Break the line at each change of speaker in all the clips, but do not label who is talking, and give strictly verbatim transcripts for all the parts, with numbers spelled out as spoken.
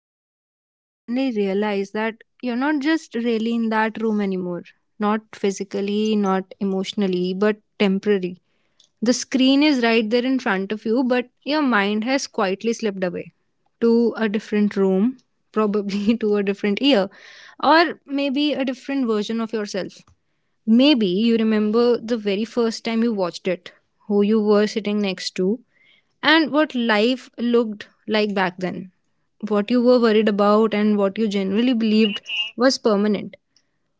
movie and suddenly realized that you're not just really in that room anymore? Not physically, not emotionally, but temporary. The screen is right there in front of you, but your mind has quietly slipped away to a different room, probably to a different year, or maybe a different version of yourself. Maybe you remember the very first time you watched it, who you were sitting next to, and what life looked like back then. What you were worried about and what you generally believed was permanent.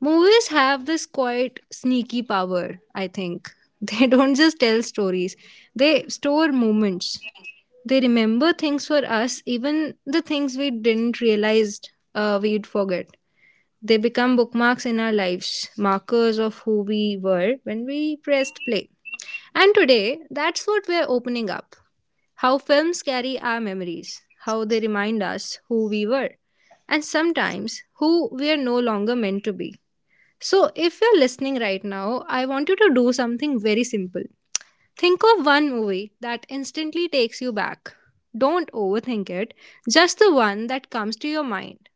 Movies have this quite sneaky power, I think. They don't just tell stories, they store moments. They remember things for us, even the things we didn't realize uh, we'd forget. They become bookmarks in our lives, markers of who we were when we pressed play. And today, that's what we're opening up: how films carry our memories, how they remind us who we were, and sometimes who we are no longer meant to be. So, if you're listening right now, I want you to do something very simple. Think of one movie that instantly takes you back. Don't overthink it, just the one that comes to your mind.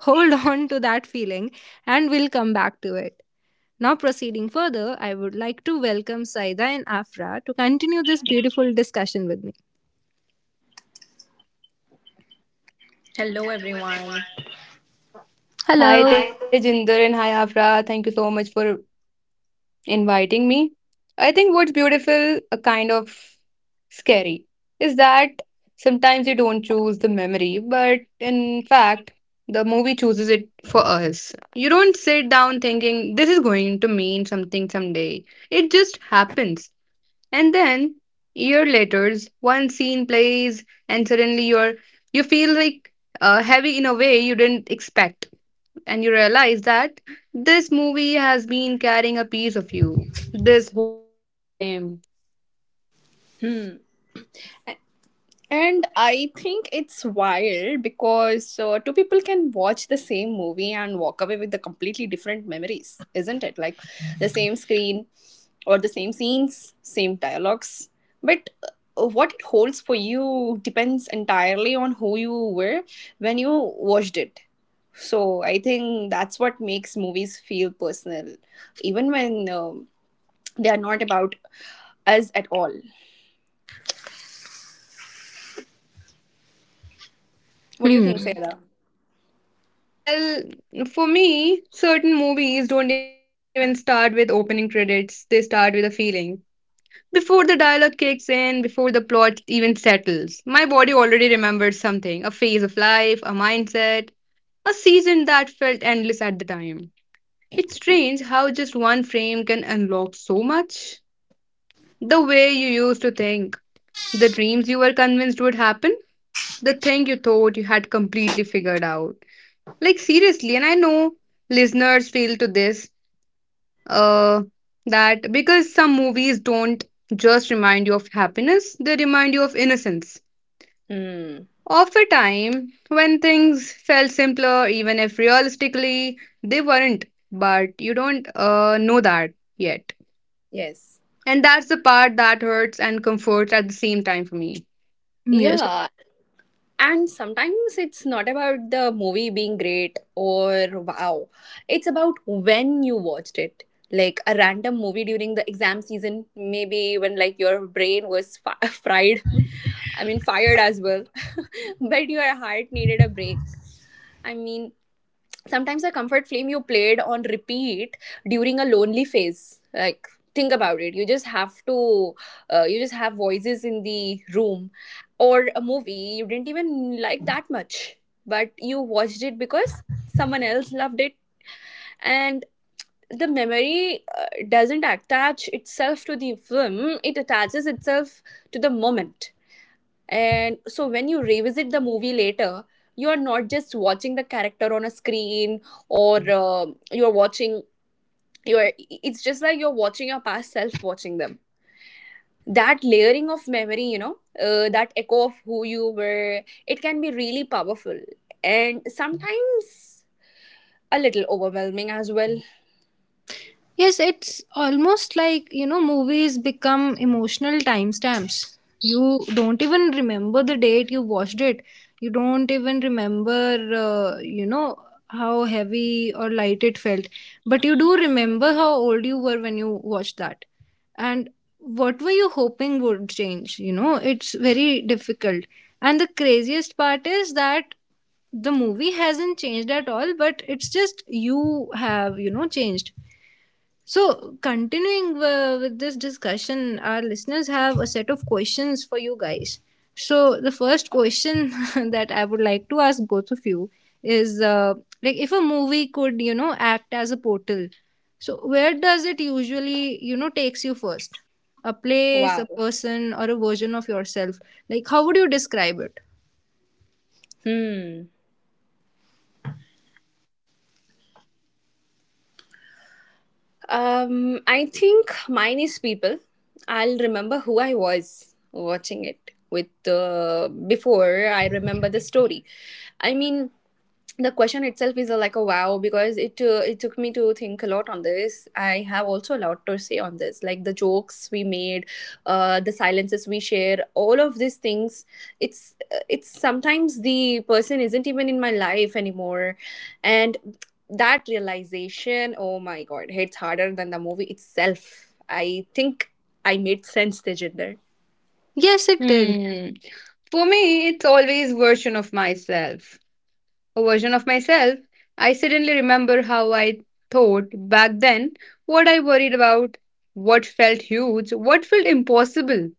Hold on to that feeling, and we'll come back to it. Now, proceeding further, I would like to welcome Saida and Afra to continue this beautiful discussion with me.
Hello, everyone.
Hello.
Hi,
Hi.
Tejinder, and hi, Afra. Thank you so much for inviting me. I think what's beautiful, a kind of scary, is that sometimes you don't choose the memory, but in fact, the movie chooses it for us. You don't sit down thinking this is going to mean something someday. It just happens. And then year later, one scene plays and suddenly you're you feel like uh, heavy in a way you didn't expect, and you realize that this movie has been carrying a piece of you this whole time.
Hmm. And I think it's wild because uh, two people can watch the same movie and walk away with the completely different memories, isn't it? Like the same screen or the same scenes, same dialogues. But uh, what it holds for you depends entirely on who you were when you watched it. So I think that's what makes movies feel personal, even when um they are not about us at all. What do you think,
Hmm.
Sayada?
Well, for me, certain movies don't even start with opening credits, they start with a feeling. Before the dialogue kicks in, before the plot even settles, my body already remembers something, a phase of life, a mindset, a season that felt endless at the time. It's strange how just one frame can unlock so much. The way you used to think, the dreams you were convinced would happen, the thing you thought you had completely figured out. Like, seriously, and I know listeners feel to this uh, that, because some movies don't just remind you of happiness, they remind you of innocence.
Hmm.
Of a time when things felt simpler, even if realistically they weren't, but you don't uh, know that yet.
Yes.
And that's the part that hurts and comforts at the same time for me.
Yes.
Yeah. And sometimes it's not about the movie being great or wow. It's about when you watched it. Like a random movie during the exam season, maybe when like your brain was fi- fried. I mean, fired as well. But your heart needed a break. I mean, sometimes a comfort film you played on repeat during a lonely phase. Like think about it, you just have to uh, you just have voices in the room, or a movie you didn't even like that much, but you watched it because someone else loved it. And the memory uh, doesn't attach itself to the film, it attaches itself to the moment. And so when you revisit the movie later, you are not just watching the character on a screen, or uh, you're watching you're it's just like you're watching your past self watching them. That layering of memory, you know, uh, that echo of who you were, it can be really powerful, and sometimes a little overwhelming as well.
Yes, it's almost like, you know, movies become emotional timestamps. You don't even remember the date you watched it. You don't even remember, uh, you know, how heavy or light it felt. But you do remember how old you were when you watched that. And what were you hoping would change? You know, it's very difficult. And the craziest part is that the movie hasn't changed at all, but it's just you have, you know, changed. So, continuing uh, with this discussion, our listeners have a set of questions for you guys. So, the first question that I would like to ask both of you is uh, like, if a movie could, you know, act as a portal, so where does it usually, you know, takes you first? A place,
Wow.
a person, or a version of yourself? Like, how would you describe it?
Hmm. Um, I think mine is people. I'll remember who I was watching it with uh, before I remember the story. I mean, the question itself is a, like a wow, because it uh, it took me to think a lot on this. I have also a lot to say on this, like the jokes we made, uh, the silences we share, all of these things. It's uh, it's sometimes the person isn't even in my life anymore, and that realization, oh my god, hits harder than the movie itself, I think. I made sense, the gender?
Yes, it did.
Hmm. For me, it's always version of myself. A version of myself. I suddenly remember how I thought back then, what I worried about, what felt huge, what felt impossible.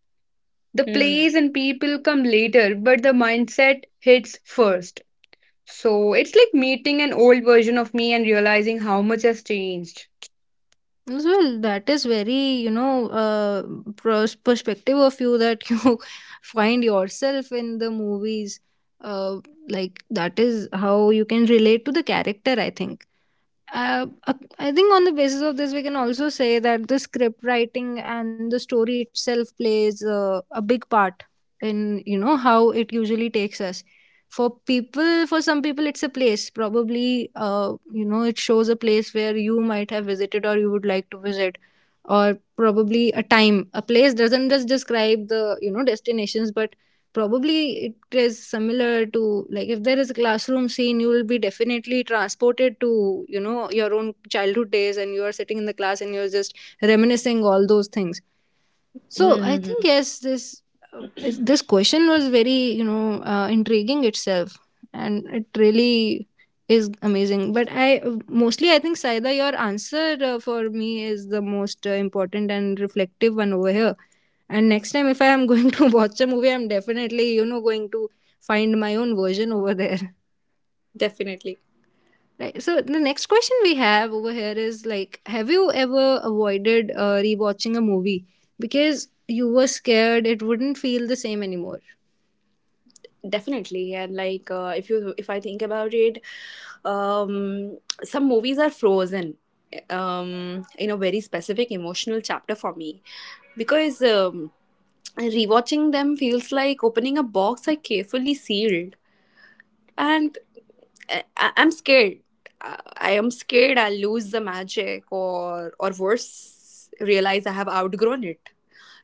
The
Hmm.
place and people come later, but the mindset hits first. So it's like meeting an old version of me and realizing how much has changed.
As well, that is very, you know, uh, pros- perspective of you that you find yourself in the movies. Uh, like, that is how you can relate to the character, I think. uh, uh, I think on the basis of this, we can also say that the script writing and the story itself plays uh, a big part in, you know, how it usually takes us. For people, for some people, it's a place. Probably, uh, you know, it shows a place where you might have visited or you would like to visit, or probably a time. A place doesn't just describe the, you know, destinations, but probably it is similar to, like, if there is a classroom scene, you will be definitely transported to, you know, your own childhood days, and you are sitting in the class and you're just reminiscing all those things.
Hmm,
So I
hmm,
think,
hmm.
yes, this uh, is- this question was very, you know, uh, intriguing itself, and it really is amazing. But I mostly, I think, Saida, your answer uh, for me is the most uh, important and reflective one over here. And next time, if I am going to watch a movie, I'm definitely, you know, going to find my own version over there.
Definitely.
Right. So the next question we have over here is, like, have you ever avoided uh, rewatching a movie because you were scared it wouldn't feel the same anymore?
Definitely. And like uh, if you, if I think about it, um some movies are frozen um in a very specific emotional chapter for me, because um rewatching them feels like opening a box I carefully sealed. And I, I- I'm scared. I I am scared I'll lose the magic, or or worse, realize I have outgrown it.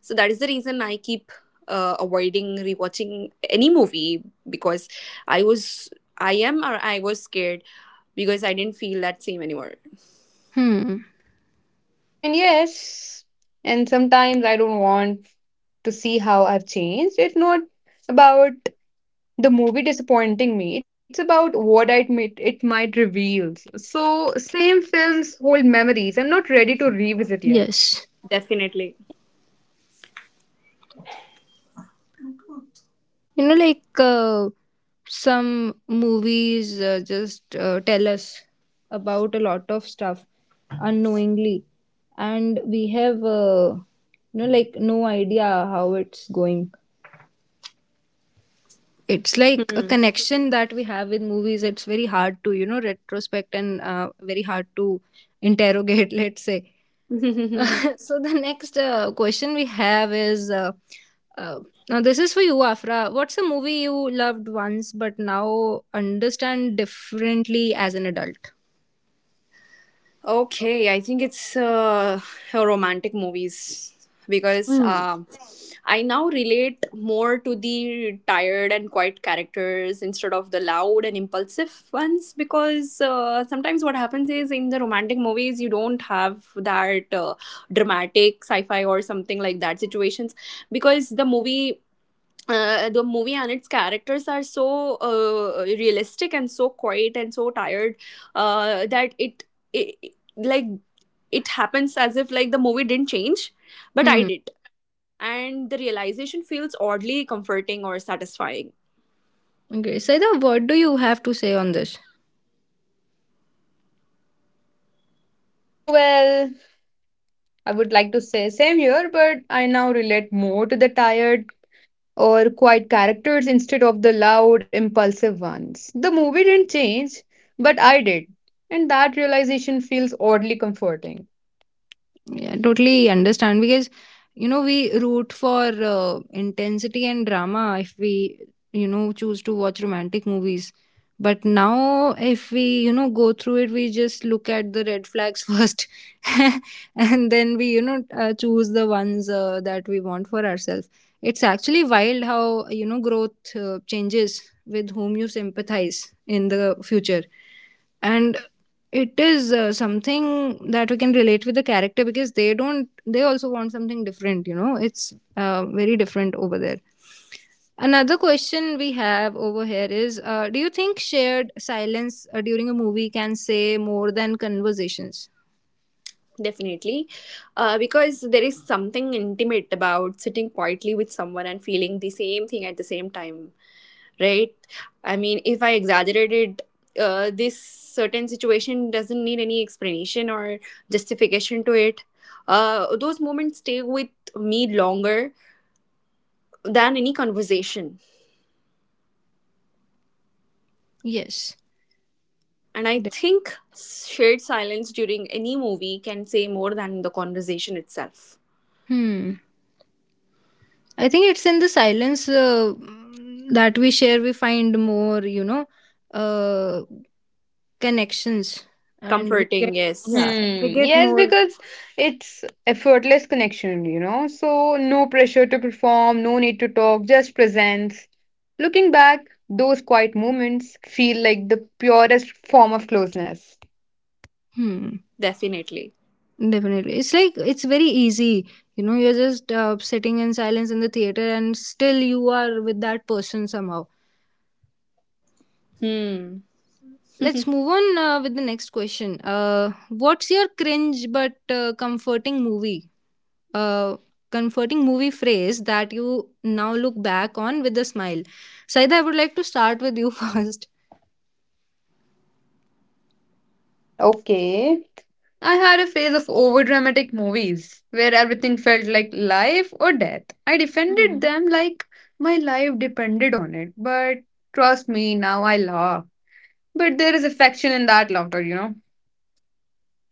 So that is the reason I keep uh, avoiding rewatching any movie, because I was, I am, or I was scared, because I didn't feel that same anymore.
Hmm.
And yes, and sometimes I don't want to see how I've changed. It's not about the movie disappointing me. It's about what it might, it might reveal. So, same films hold memories I'm not ready to revisit yet.
Yes.
Definitely.
You know, like uh, some movies uh, just uh, tell us about a lot of stuff unknowingly, and we have, uh, you know, like, no idea how it's going. It's like a
Hmm.
connection that we have with movies. It's very hard to, you know, retrospect, and uh, very hard to interrogate, let's say. So the next uh, question we have is uh, uh, now this is for you, Afra. What's a movie you loved once but now understand differently as an adult?
Okay, I think it's uh, romantic movies, because
Hmm.
um I now relate more to the tired and quiet characters instead of the loud and impulsive ones. Because uh, sometimes what happens is, in the romantic movies, you don't have that uh, dramatic sci fi or something like that situations, because the movie uh, the movie and its characters are so uh, realistic and so quiet and so tired, uh, that it, it like it happens as if like the movie didn't change but I
Hmm.
did. And the realization feels oddly comforting or satisfying.
Okay, Saida, what do you have to say on this?
Well, I would like to say same here, but I now relate more to the tired or quiet characters instead of the loud, impulsive ones. The movie didn't change, but I did. And that realization feels oddly comforting.
Yeah, totally understand, because, you know, we root for uh, intensity and drama if we, you know, choose to watch romantic movies. But now if we, you know, go through it, we just look at the red flags first. And then we, you know, uh, choose the ones uh, that we want for ourselves. It's actually wild how, you know, growth uh, changes with whom you sympathize in the future. And it is uh, something that we can relate with the character, because they don't, they also want something different, you know. It's uh, very different over there. Another question we have over here is, uh, do you think shared silence uh, during a movie can say more than conversations?
Definitely. Uh, because there is something intimate about sitting quietly with someone and feeling the same thing at the same time, right? I mean, if I exaggerated, uh, this certain situation doesn't need any explanation or justification to it. Uh, those moments stay with me longer than any conversation.
Yes.
And I
De-
think shared silence during any movie can say more than the conversation itself.
hmm, I think it's in the silence uh, that we share we find more, you know, uh, connections, and we get.
Comforting,
Yeah,
yes,
we
Hmm.
get
Yes,
more.
because it's effortless connection, you know. So no pressure to perform, no need to talk, just presence. Looking back, those quiet moments feel like the purest form of closeness.
Hmm.
definitely.
Definitely. It's like it's very easy. You know, you're just uh, sitting in silence in the theater and still you are with that person somehow.
Hmm.
Let's move on uh, with the next question. Uh, what's your cringe but uh, comforting movie? Uh, comforting movie phrase that you now look back on with a smile. Saida, I would like to start with you first.
Okay. I had a phase of overdramatic movies where everything felt like life or death. I defended them like my life depended on it. But trust me, now I laugh. But there is affection in that laughter, you know.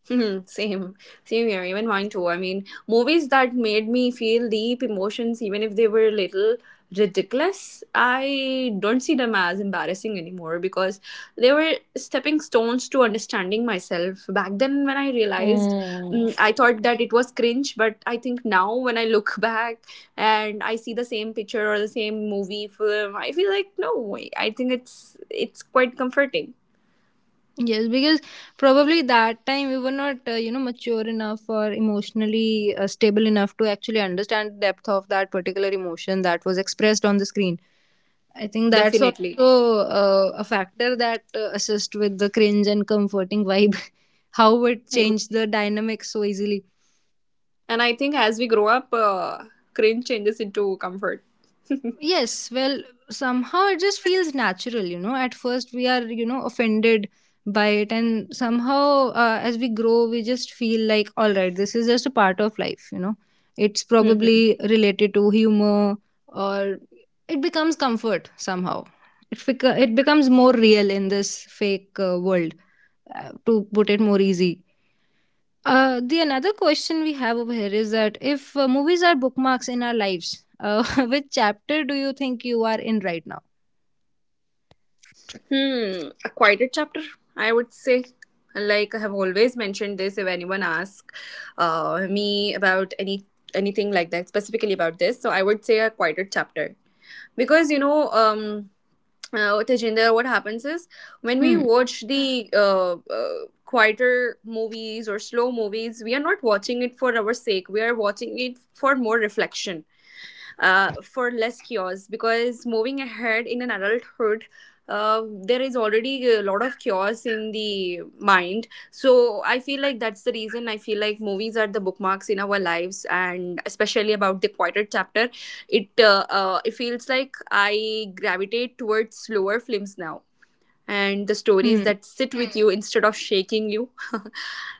Hmm, same, same here, even mine too. I mean, movies that made me feel deep emotions, even if they were a little ridiculous, I don't see them as embarrassing anymore, because they were stepping stones to understanding myself. Back then, when I realized,
Hmm.
mm, I thought that it was cringe, but I think now when I look back and I see the same picture or the same movie film, I feel like, no, I I think it's it's quite comforting.
Yes, because probably that time we were not, uh, you know, mature enough or emotionally uh, stable enough to actually understand the depth of that particular emotion that was expressed on the screen. I think that's also
Definitely.
uh, a factor that uh, assists with the cringe and comforting vibe, how it changed the dynamic so easily.
And I think as we grow up, uh, cringe changes into comfort.
Yes, well, somehow it just feels natural, you know. At first, we are, you know, offended by it, and somehow, uh, as we grow, we just feel like, all right, this is just a part of life, you know. It's probably
Mhm.
related to humor, or it becomes comfort somehow. It, bec- it becomes more real in this fake uh, world, uh, to put it more easy. Uh, the another question we have over here is that if uh, movies are bookmarks in our lives, uh, which chapter do you think you are in right now?
Hmm. A quieter chapter, I would say. Like I have always mentioned this if anyone asks uh, me about any anything like that, specifically about this. So I would say a quieter chapter. Because, you know, um, uh, Tejinder, what happens is when we
Hmm.
watch the uh, uh, quieter movies or slow movies, we are not watching it for our sake. We are watching it for more reflection, uh, for less cures, because moving ahead in an adulthood, uh, there is already a lot of cures in the mind. So I feel like that's the reason I feel like movies are the bookmarks in our lives, and especially about the quieter chapter. It uh, uh, it feels like I gravitate towards slower films now, and the stories
Hmm.
that sit with you instead of shaking you.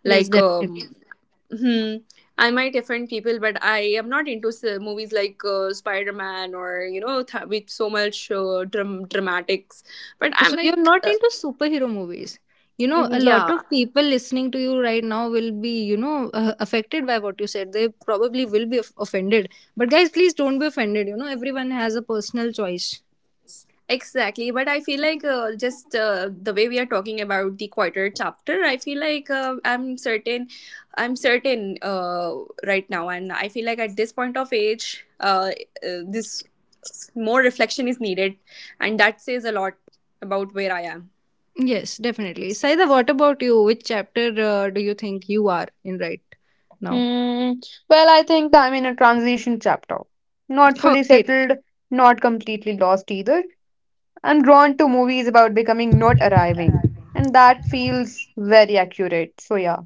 Yes,
like
definitely.
um, Hmm. I might offend people, but I am not into s- movies like uh, Spider Man, or you know th- with so much uh, dram- dramatics. But I'm
So you're
like,
not
uh,
into superhero movies. You know, a lot
yeah,
of people listening to you right now will be, you know, uh, affected by what you said. They probably will be of- offended. But guys, please don't be offended. You know, everyone has a personal choice.
exactly. But I feel like uh, just uh, the way we are talking about the quarter chapter, I feel like uh, I'm certain, I'm certain uh, right now, and I feel like at this point of age, uh, uh, this more reflection is needed, and that says a lot about where I am.
Yes, definitely. Saida, what about you? Which chapter uh, do you think you are in right now?
Hmm. Well, I think I'm in a transition chapter. Not
Oh,
fully
great.
settled, not completely lost either. I'm drawn to movies about becoming, not arriving.
تمرينات
And that
ألعابية.
feels very accurate. So, yeah.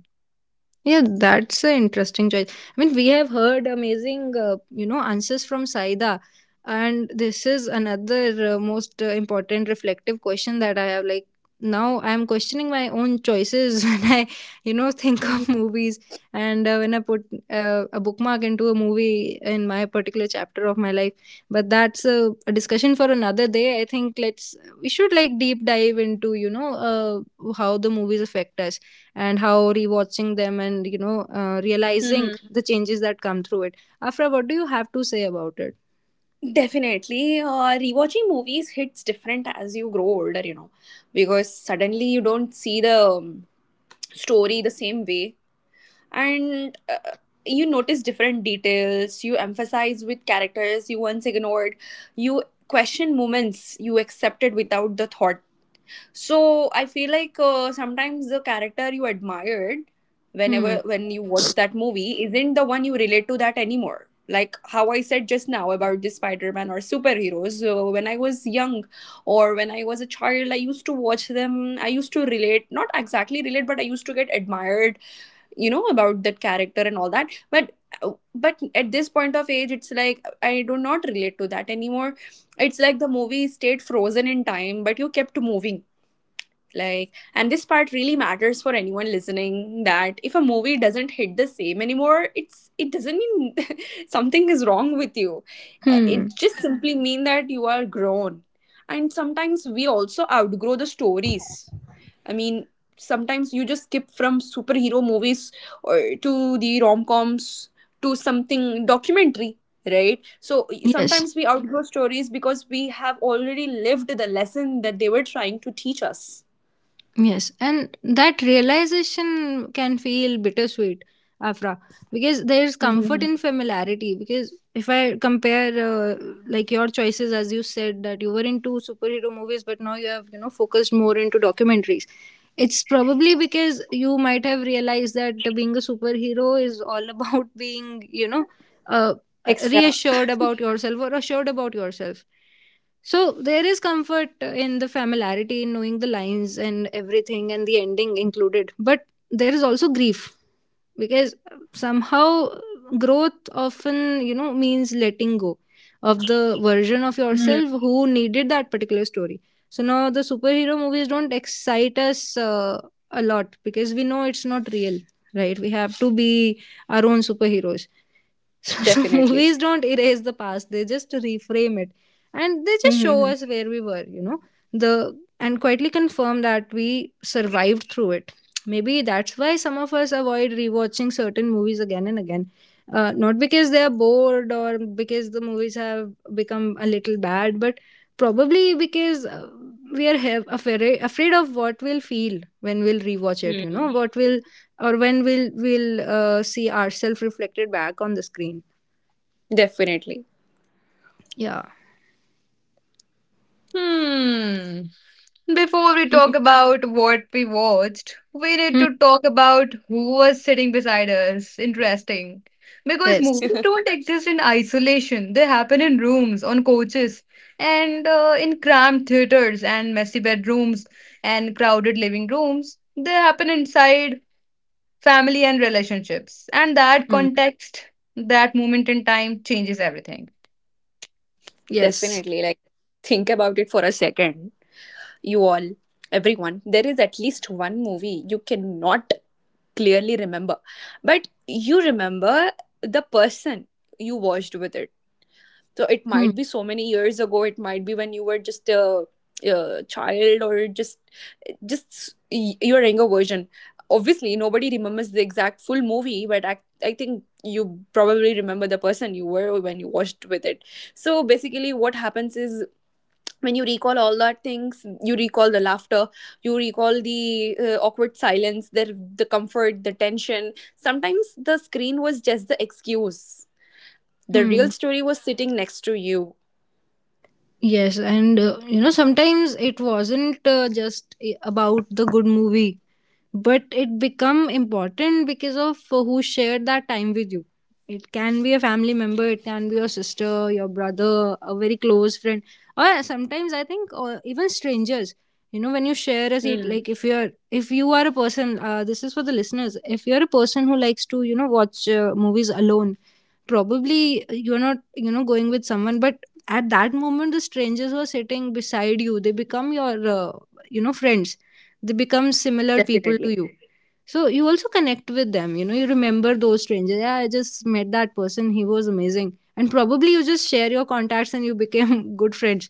Yeah, that's an interesting choice. I mean, we have heard amazing, uh, you know, answers from Saida, and this is another uh, most uh, important reflective question that I have. Like, now, I'm questioning my own choices when I, you know, think
Mhm.
of movies, and uh, when I put uh, a bookmark into a movie in my particular chapter of my life. But that's a, a discussion for another day. I think let's, we should like deep dive into, you know, uh, how the movies affect us and how rewatching them, and you know uh, realizing
Mhm.
the changes that come through it. Afra, what do you have to say about it?
Definitely. Uh, rewatching movies hits different as you grow older, you know, because suddenly you don't see the um, story the same way, and uh, you notice different details, you emphasize with characters you once ignored, you question moments you accepted without the thought. So I feel like uh, sometimes the character you admired
Hmm.
whenever when you watch that movie isn't the one you relate to that anymore. Like how I said just now about the Spider-Man or superheroes. So when I was young, or when I was a child, I used to watch them. I used to relate, not exactly relate, but I used to get admired, you know, about that character and all that. But uh, but at this point of age, it's like I do not relate to that anymore. It's like the movie stayed frozen in time, but you kept moving. Like, and this part really matters for anyone listening, that if a movie doesn't hit the same anymore, it's it doesn't mean something is wrong with you. Uh,
Hmm.
it just simply mean that you are grown, and sometimes we also outgrow the stories. I mean, sometimes you just skip from superhero movies or to the rom-coms to something documentary, right? So
Yes.
sometimes we outgrow stories because we have already lived the lesson that they were trying to teach us.
Yes, and that realization can feel bittersweet, Afra, because there's comfort
Mm-hmm.
in familiarity. Because if I compare, uh, like, your choices, as you said, that you were into superhero movies, but now you have, you know, focused more into documentaries. It's probably because you might have realized that being a superhero is all about being, you know, uh,
Extra.
reassured about yourself or assured about yourself. So there is comfort in the familiarity, in knowing the lines and everything and the ending included. But there is also grief, because somehow growth often, you know, means letting go of the version of
Mm.
yourself who needed that particular story. So now the superhero movies don't excite us uh, a lot, because we know it's not real, right? We have to be our own superheroes. So, so
Definitely.
movies don't erase the past, they just reframe it. And they just
Mm-hmm.
show us where we were, you know, the, and quietly confirm that we survived through it. Maybe that's why some of us avoid rewatching certain movies again and again. Uh, not because they are bored or because the movies have become a little bad, but probably because uh, we are have afraid, afraid of what we'll feel when we'll rewatch it, you know,
Mm.
what we will or when we'll we'll uh, see ourselves reflected back on the screen.
Definitely.
Yeah.
Hmm. Before we talk about what we watched, we need
Hmm.
to talk about who was sitting beside us. Interesting. Because
Yes.
movies don't exist in isolation, they happen in rooms, on coaches, and uh, in cramped theaters, and messy bedrooms, and crowded living rooms. They happen inside family and relationships. And that
Hmm.
context, that moment in time changes everything.
Yes.
Definitely. Like, think about it for a second. You all, everyone, there is at least one movie you cannot clearly remember, but you remember the person you watched with it. So it
Hmm.
might be so many years ago, it might be when you were just a, a child, or just just y- your younger version. Obviously, nobody remembers the exact full movie, but I, I think you probably remember the person you were when you watched with it. So basically, what happens is when you recall all that things, you recall the laughter, you recall the uh, awkward silence, the the comfort, the tension. Sometimes the screen was just the excuse. The
Hmm.
real story was sitting next to you.
Yes, and uh, you know, sometimes it wasn't uh, just i- about the good movie, but it become important because of uh, who shared that time with you. It can be a family member, it can be your sister, your brother, a very close friend, or sometimes I think or even strangers. You know, when you share a seat,
Hmm.
like if you're if you are a person, uh, this is for the listeners. If you're a person who likes to you know watch uh, movies alone, probably you're not you know going with someone, but at that moment the strangers who are sitting beside you they become your uh, you know friends, they become similar people to
Definitely.
you. So you also connect with them, you know you remember those strangers. Yeah, I just met that person, he was amazing, and probably you just share your contacts and you became good friends.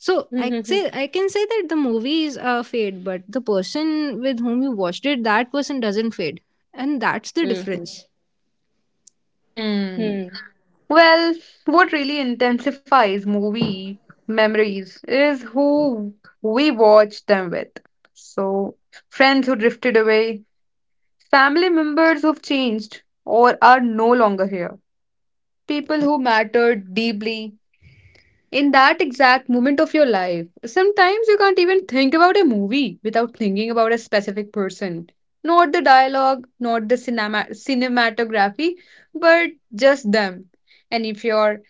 So i
Hmm.
say i can say that the movie is uh, fade, but the person with whom you watched it, that person doesn't fade, and that's the
Hmm. Hmm.
difference.
Hmm.
Hmm.
Well, what really intensifies movie memories is who we watch them with. So, friends who drifted away, family members who've changed or are no longer here, people who mattered deeply in that exact moment of your life. Sometimes you can't even think about a movie without thinking about a specific person. Not the dialogue, not the cinema- cinematography, but just them. And if you're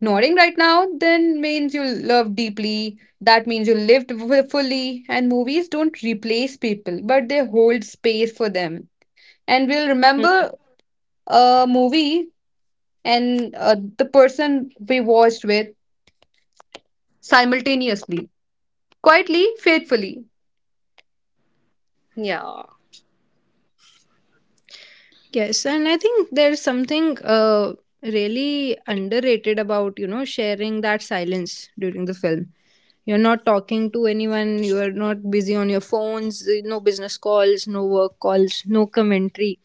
nodding right now, then means you love deeply, that means you lived fu- fully, and movies don't replace people, but they hold space for them. And we'll
Hmm.
remember a movie and uh, the person we watched with, simultaneously, quietly, faithfully.
Yeah.
Yes, and I think there's something uh, really underrated about, you know, sharing that silence during the film. You're not talking to anyone, you're not busy on your phones, no business calls, no work calls, no commentary.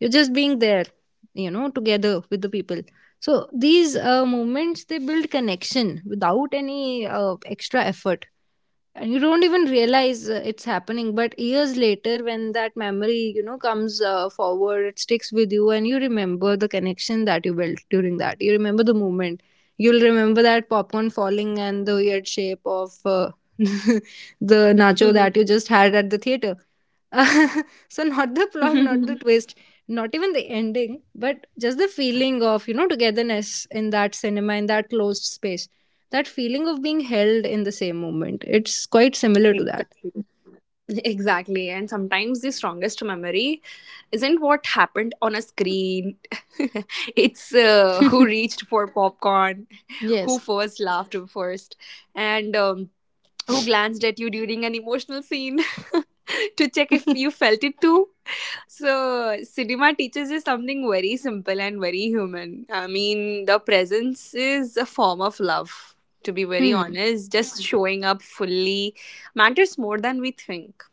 You're just being there, you know, together with the people. So these uh, moments, they build connection without any uh, extra effort, and you don't even realize uh, it's happening, but years later when that memory you know comes uh, forward, it sticks with you and you remember the connection that you built during that. You remember the moment, you'll remember that popcorn falling and the weird shape of uh, the nacho that you just had at the theater. so not the plot, not
Hmm.
the twist, not even the ending, but just the feeling of, you know, togetherness in that cinema, in that closed space, that feeling of being held in the same moment. It's quite similar to
Exactly. Exactly. And sometimes the strongest memory isn't what happened on a screen. It's uh, who
that.
reached for popcorn, who
yes.
first laughed first, and um, who glanced at you during an emotional scene to check if you felt it too. So, cinema teaches us something very simple and very human. I mean, the presence is a form of love, to be very
hmm.
honest. Just showing up fully matters more than we think.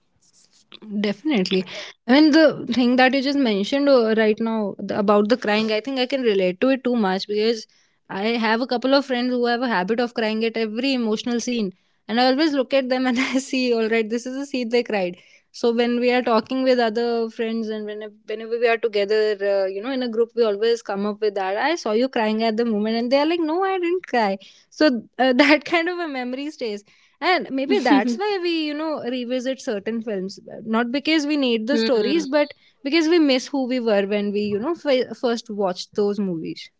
Definitely. I mean, the thing that you just mentioned uh, right now, the, about the crying, I think I can relate to it too much because I have a couple of friends who have a habit of crying at every emotional scene. And I always look at them and I see, all right, this is the scene they cried. So when we are talking with other friends and whenever, whenever we are together, uh, you know, in a group, we always come up with that. I saw you crying at the moment, and they are like, "No, I didn't cry." So uh, that kind of a memory stays, and maybe that's why we, you know, revisit certain films, not because we need the stories,
Hmm,
but because we miss who we were when we, you know f- first watched those movies.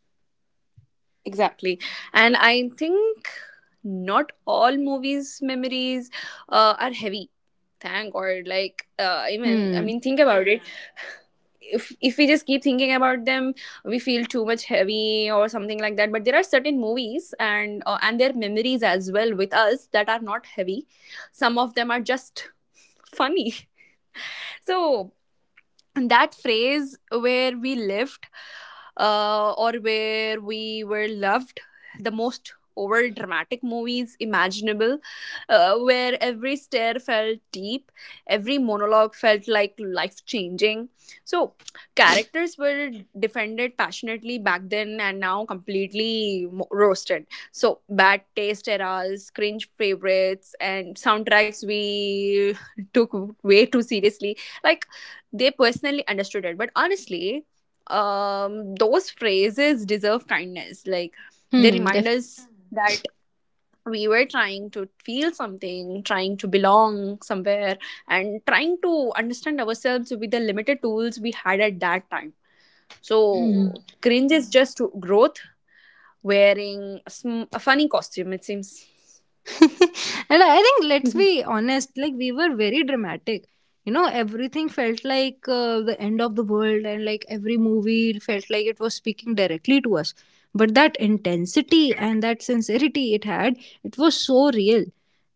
exactly. And I think not all movies memories uh, are heavy. Thank God. Like uh, I mean, I
Hmm.
mean, think about it. If if we just keep thinking about them, we feel too much heavy or something like that. But there are certain movies, and uh, and their memories as well with us, that are not heavy. Some of them are just funny. So that phase where we lived uh, or where we were loved the most over dramatic movies imaginable, uh, where every stare felt deep, every monologue felt like life changing. So characters were defended passionately back then, and now completely mo- roasted. So bad taste eras, cringe favorites, and soundtracks we took way too seriously, like they personally understood it. But honestly, um, those phrases deserve kindness. Like, they
Hmm.
remind
Definitely.
us that we were trying to feel something, trying to belong somewhere, and trying to understand ourselves with the limited tools we had at that time.
Hmm.
So cringe is just growth wearing a, sm- a funny costume. It seems.
and I think let's
Mhm.
be honest, like we were very dramatic. You know, everything felt like uh, the end of the world, and like every movie felt like it was speaking directly to us. But that intensity and that sincerity it had, it was so real.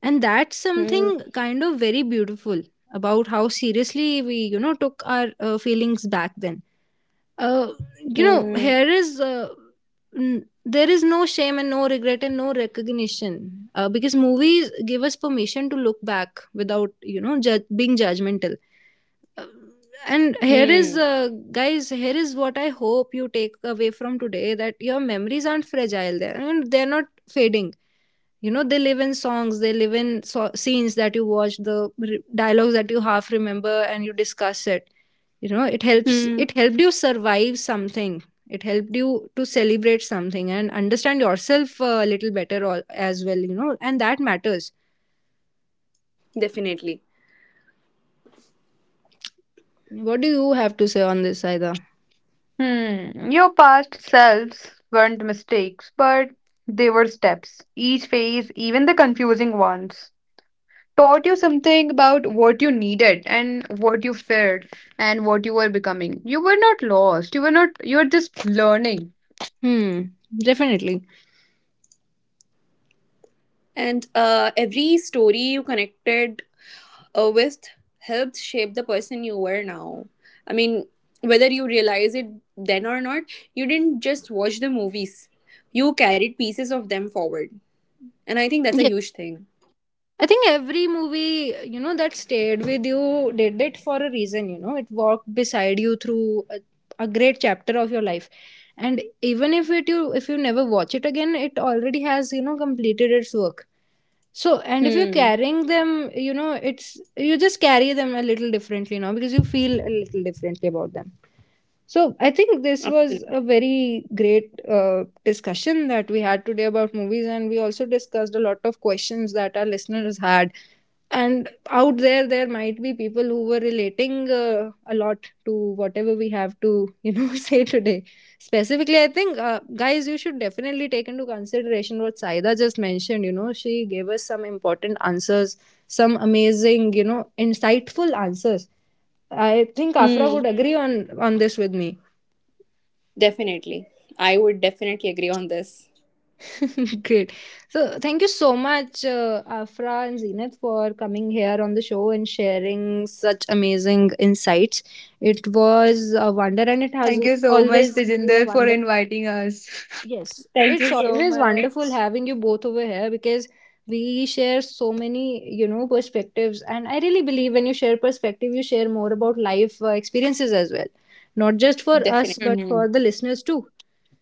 And that's
Hmm.
something kind of very beautiful about how seriously we, you know, took our uh, feelings back then. uh, you know
Hmm.
here is uh, n- there is no shame and no regret and no recognition, uh, because movies give us permission to look back without you know ju- being judgmental. uh, and here is
Hmm.
uh, guys, here is what I hope you take away from today: that your memories aren't fragile there, and they're not fading. You know, they live in songs, they live in so- scenes that you watch, the re- dialogues that you half remember and you discuss it. You know, it helps,
Hmm.
it helped you survive something, it helped you to celebrate something and understand yourself uh, a little better al- as well, you know, and that matters.
Definitely.
What do you have to say on this, Aida?
Hmm. Your past selves weren't mistakes, but they were steps. Each phase, even the confusing ones, taught you something about what you needed and what you feared and what you were becoming. You were not lost. You were not, You were just learning.
Hmm. Definitely.
And uh, every story you connected uh, with helped shape the person you were now. I mean, whether you realize it then or not, you didn't just watch the movies, you carried pieces of them forward. And I think that's a
Yes,
huge thing.
I think every movie, you know, that stayed with you did it for a reason, you know. It walked beside you through a, a great chapter of your life. And even if it you if you never watch it again, it already has, you know, completed its work. So, and if you're
Hmm,
carrying them, you know, it's, you just carry them a little differently now because you feel a little differently about them. So I think this was
absolutely.
a very great uh, discussion that we had today about movies, and we also discussed a lot of questions that our listeners had. And out there, there might be people who were relating uh, a lot to whatever we have to, you know, say today. Specifically, I think uh, guys, you should definitely take into consideration what Saida just mentioned. You know, she gave us some important answers, some amazing, you know, insightful answers. I think Afra
Hmm,
would agree on on this with me.
definitely. I would definitely agree on this.
Great. So, thank you so much, uh, Afra and Zenith, for coming here on the show and sharing such amazing insights. It was a wonder, and it has
Thank you so much,
always been a
Tejinder, for
wonder.
inviting us.
Yes,
Thank
it's
you so
always
much.
wonderful having you both over here because we share so many, you know, perspectives. And I really believe when you share perspective, you share more about life uh, experiences as well, not just for us,
Definitely.
Mhm.
but for the listeners too.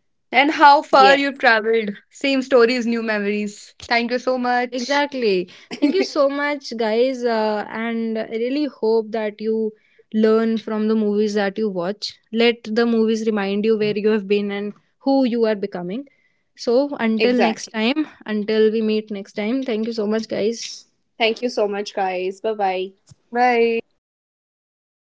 And how far you've
Yes.
traveled. Same stories, new memories. Thank you so much.
Exactly. Thank you so much, guys. Uh, and I really hope that you learn from the movies that you watch. Let the movies remind you where you have been and who you are becoming. So, until next
Exactly.
time, until we meet next time, thank you so much, guys.
Thank you so much, guys. Bye bye.
Bye.
Bye.